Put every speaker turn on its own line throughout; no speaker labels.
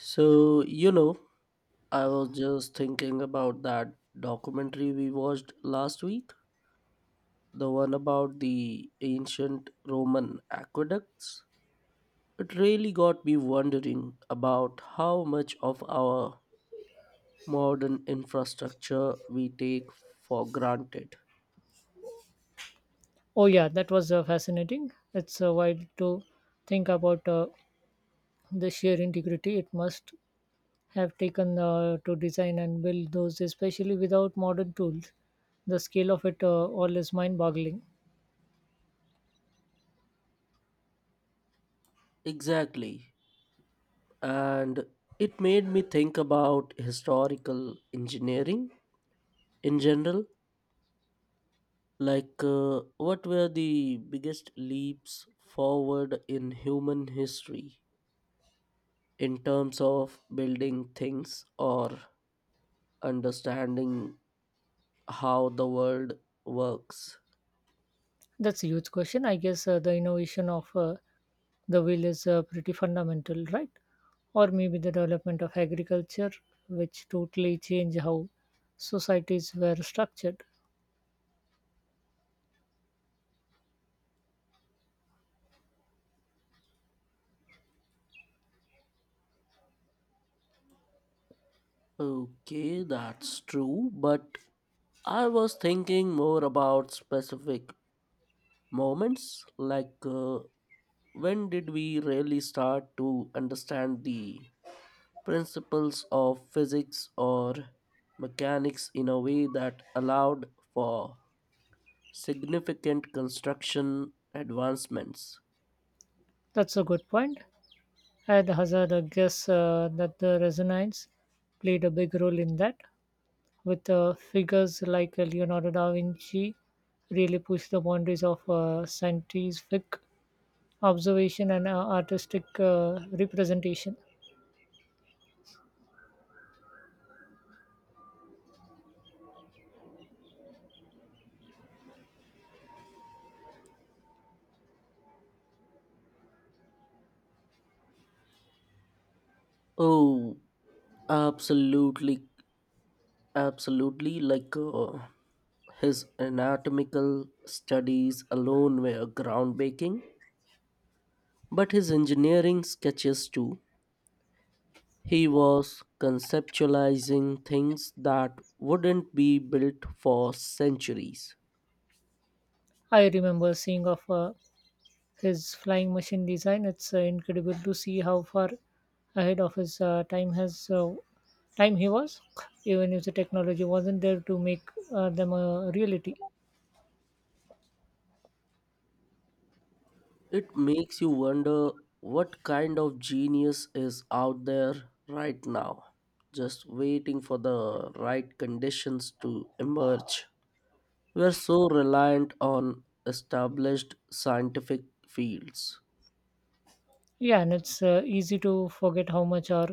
So, you know, I was just thinking about that documentary we watched last week, the one about the ancient Roman aqueducts. It really got me wondering about how much of our modern infrastructure we take for granted.
Oh, yeah, that was fascinating. It's wild to think about the sheer integrity it must have taken to design and build those, especially without modern tools. The scale of it all is mind boggling.
Exactly. And it made me think about historical engineering in general. What were the biggest leaps forward in human history in terms of building things or understanding how the world works?
That's a huge question. I guess the innovation of the wheel is pretty fundamental, right? Or maybe the development of agriculture, which totally changed how societies were structured.
Okay, that's true, but I was thinking more about specific moments. When did we really start to understand the principles of physics or mechanics in a way that allowed for significant construction advancements?
That's a good point. I'd Hazard, a guess that the resonance played a big role in that, with figures like Leonardo da Vinci really pushed the boundaries of scientific observation and artistic representation.
Oh, absolutely, absolutely. His anatomical studies alone were groundbreaking, but his engineering sketches too. He was conceptualizing things that wouldn't be built for centuries.
I remember seeing of his flying machine design. It's incredible to see how far ahead of his time he was, even if the technology wasn't there to make them a reality.
It makes you wonder what kind of genius is out there right now, just waiting for the right conditions to emerge. We're so reliant on established scientific fields,
Yeah, and it's easy to forget how much our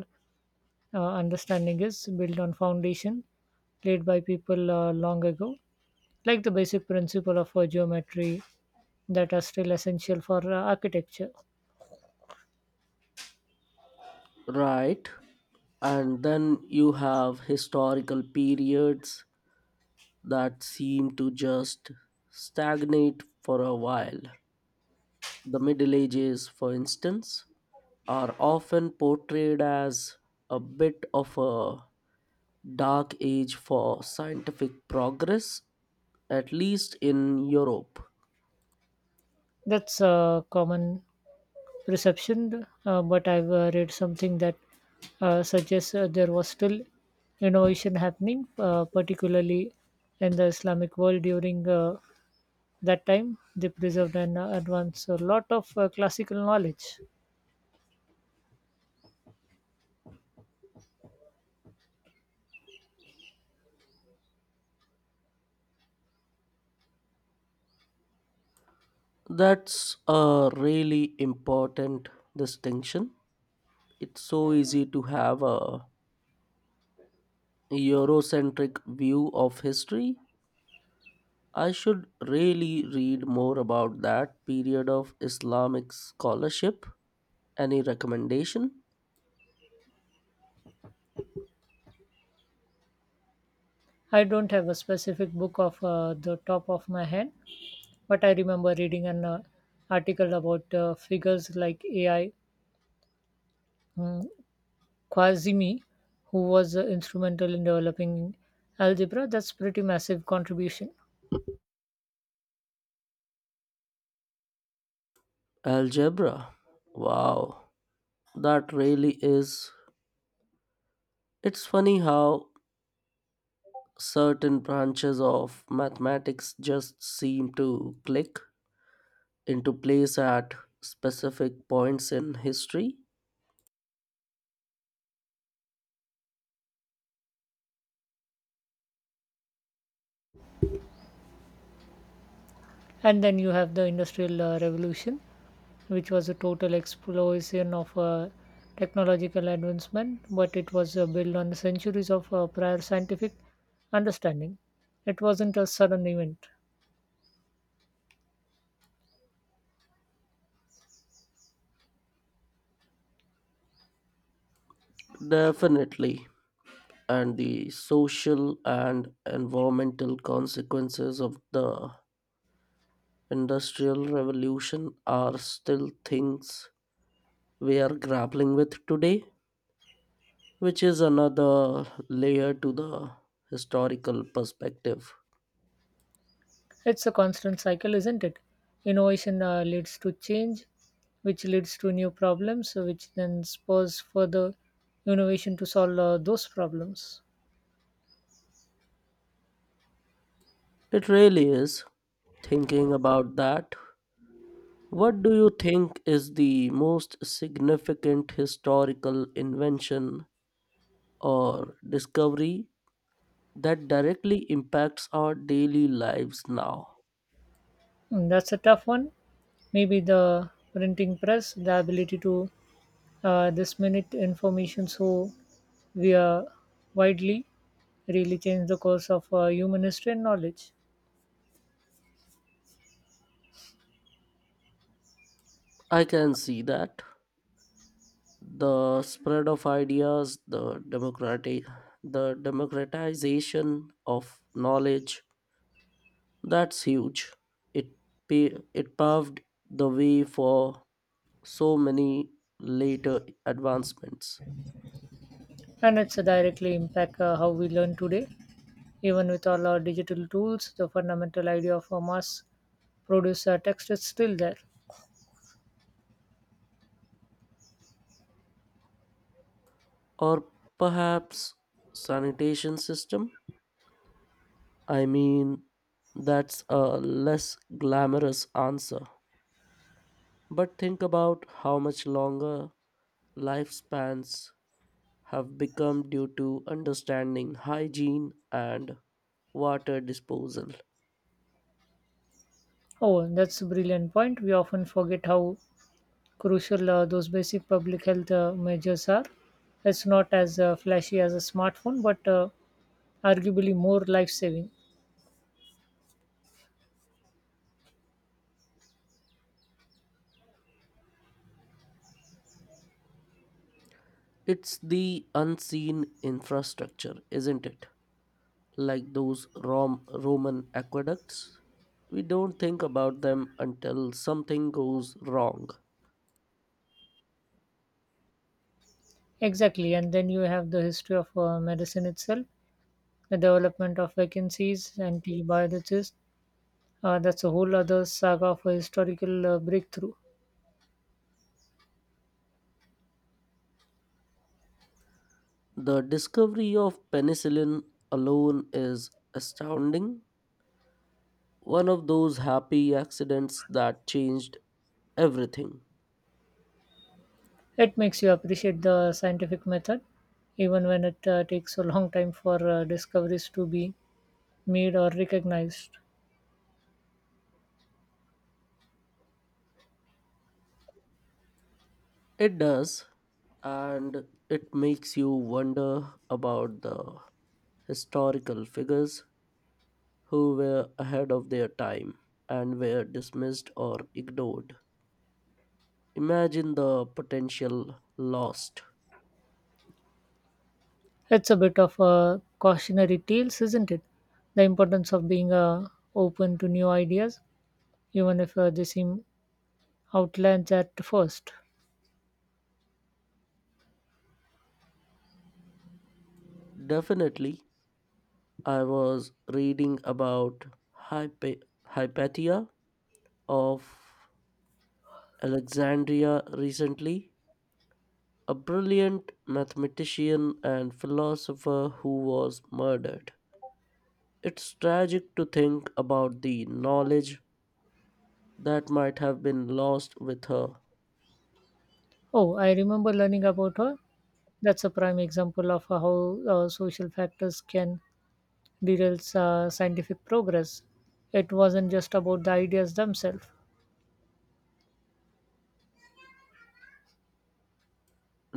understanding is built on foundation laid by people long ago, like the basic principle of geometry that are still essential for architecture.
right? And then you have historical periods that seem to just stagnate for a while. The Middle Ages, for instance, are often portrayed as a bit of a dark age for scientific progress, at least in Europe.
That's a common perception, but I've read something that suggests there was still innovation happening, particularly in the Islamic world during that time. They preserved and advanced a lot of classical knowledge.
That's a really important distinction. It's so easy to have a Eurocentric view of history. I should really read more about that period of Islamic scholarship. Any recommendation?
I don't have a specific book off the top of my head, but I remember reading an article about figures like AI mm, Kwazimi, who was instrumental in developing algebra. That's pretty massive contribution.
Algebra. Wow, that really is. It's funny how certain branches of mathematics just seem to click into place at specific points in history.
And then you have the Industrial Revolution, which was a total explosion of technological advancement, but it was built on centuries of prior scientific understanding. It wasn't a sudden event.
Definitely. And the social and environmental consequences of the Industrial Revolution are still things we are grappling with today, which is another layer to the historical perspective.
It's a constant cycle, isn't it? Innovation leads to change, which leads to new problems, which then spurs further innovation to solve those problems.
It really is. Thinking about that, what do you think is the most significant historical invention or discovery that directly impacts our daily lives now?
Mm, that's a tough one. Maybe the printing press, the ability to this information so we are widely really change the course of human history and knowledge.
I can see that. The spread of ideas, the democratic the democratization of knowledge, that's huge. It it paved the way for so many later advancements.
And it's directly impact how we learn today. Even with all our digital tools, the fundamental idea of a mass produce text is still there.
Or perhaps sanitation system? I mean that's a less glamorous answer. But think about how much longer lifespans have become due to understanding hygiene and water disposal.
Oh, that's a brilliant point. We often forget how crucial those basic public health measures are. It's not as flashy as a smartphone, but arguably more life saving.
It's the unseen infrastructure, isn't it? Like those Roman aqueducts. We don't think about them until something goes wrong.
Exactly, and then you have the history of medicine itself, the development of vacancies, antibiotics. That's a whole other saga of a historical breakthrough.
The discovery of penicillin alone is astounding. One of those happy accidents that changed everything.
It makes you appreciate the scientific method, even when it takes a long time for discoveries to be made or recognized.
It does, and it makes you wonder about the historical figures who were ahead of their time and were dismissed or ignored. Imagine the potential lost.
It's a bit of a cautionary tales, isn't it? The importance of being open to new ideas, even if they seem outlandish at first.
Definitely, I was reading about Hypatia of Alexandria recently, a brilliant mathematician and philosopher who was murdered. It's tragic to think about the knowledge that might have been lost with her.
Oh, I remember learning about her. That's a prime example of how social factors can derail scientific progress. It wasn't just about the ideas themselves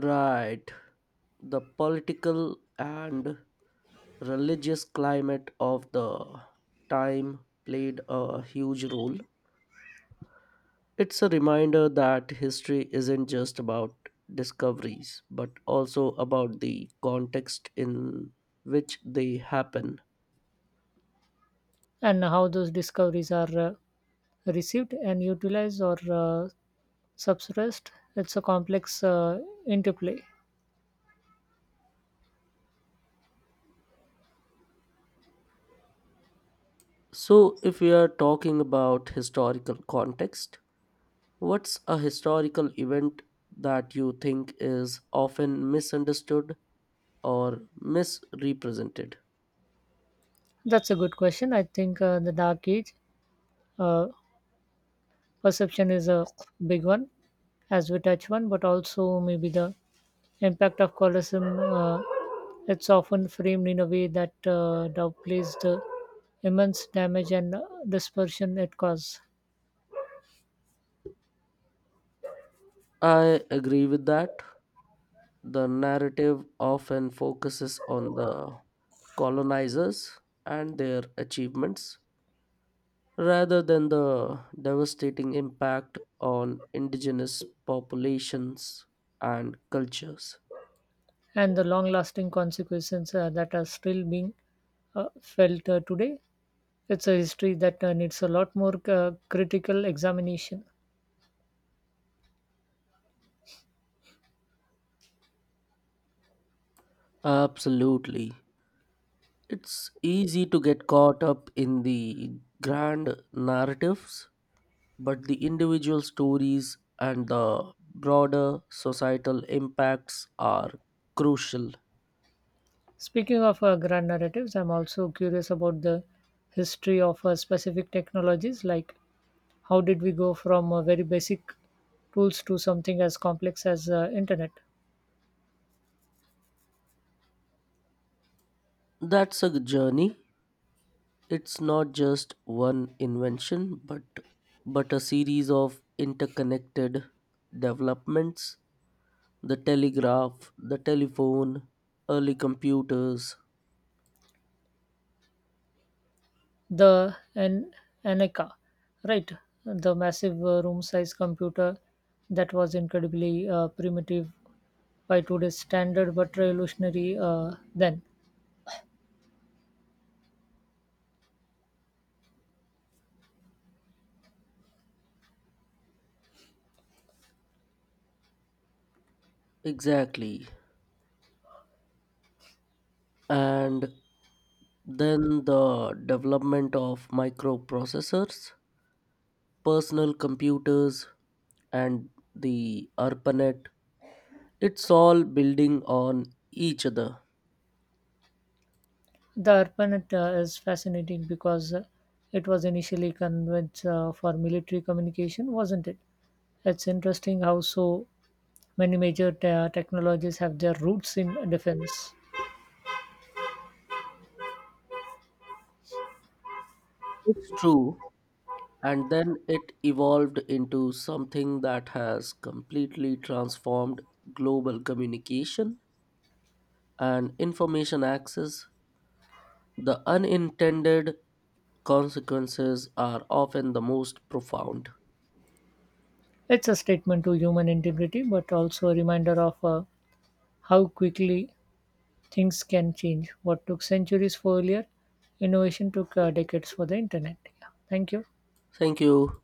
Right. The political and religious climate of the time played a huge role. It's a reminder that history isn't just about discoveries, but also about the context in which they happen.
and how those discoveries are received and utilized or suppressed. It's a complex interplay.
So, if we are talking about historical context, what's a historical event that you think is often misunderstood or misrepresented?
That's a good question. I think the dark age uh, perception is a big one, as we touch one, but also maybe the impact of colonialism. It's often framed in a way that downplays the immense damage and dispersion it caused,
I agree with that. The narrative often focuses on the colonizers and their achievements rather than the devastating impact on indigenous populations and cultures.
and the long-lasting consequences that are still being felt today. It's a history that needs a lot more critical examination.
Absolutely. It's easy to get caught up in the grand narratives but the individual stories and the broader societal impacts are crucial.
Speaking of grand narratives, I'm also curious about the history of specific technologies. Like, how did we go from very basic tools to something as complex as internet?
That's a journey. It's not just one invention, but a series of interconnected developments. The telegraph, the telephone, early computers,
The an Aneca, right? The massive room-size computer that was incredibly primitive by today's standard, but revolutionary then.
exactly, and then the development of microprocessors, personal computers and the ARPANET. It's all building on each other.
The ARPANET is fascinating because it was initially convened for military communication, wasn't it? It's interesting how so many major technologies have their roots in defense.
It's true. And then it evolved into something that has completely transformed global communication and information access. The unintended consequences are often the most profound.
It's a statement to human integrity, but also a reminder of how quickly things can change. What took centuries for earlier, innovation took decades for the internet. Yeah. Thank you.
Thank you.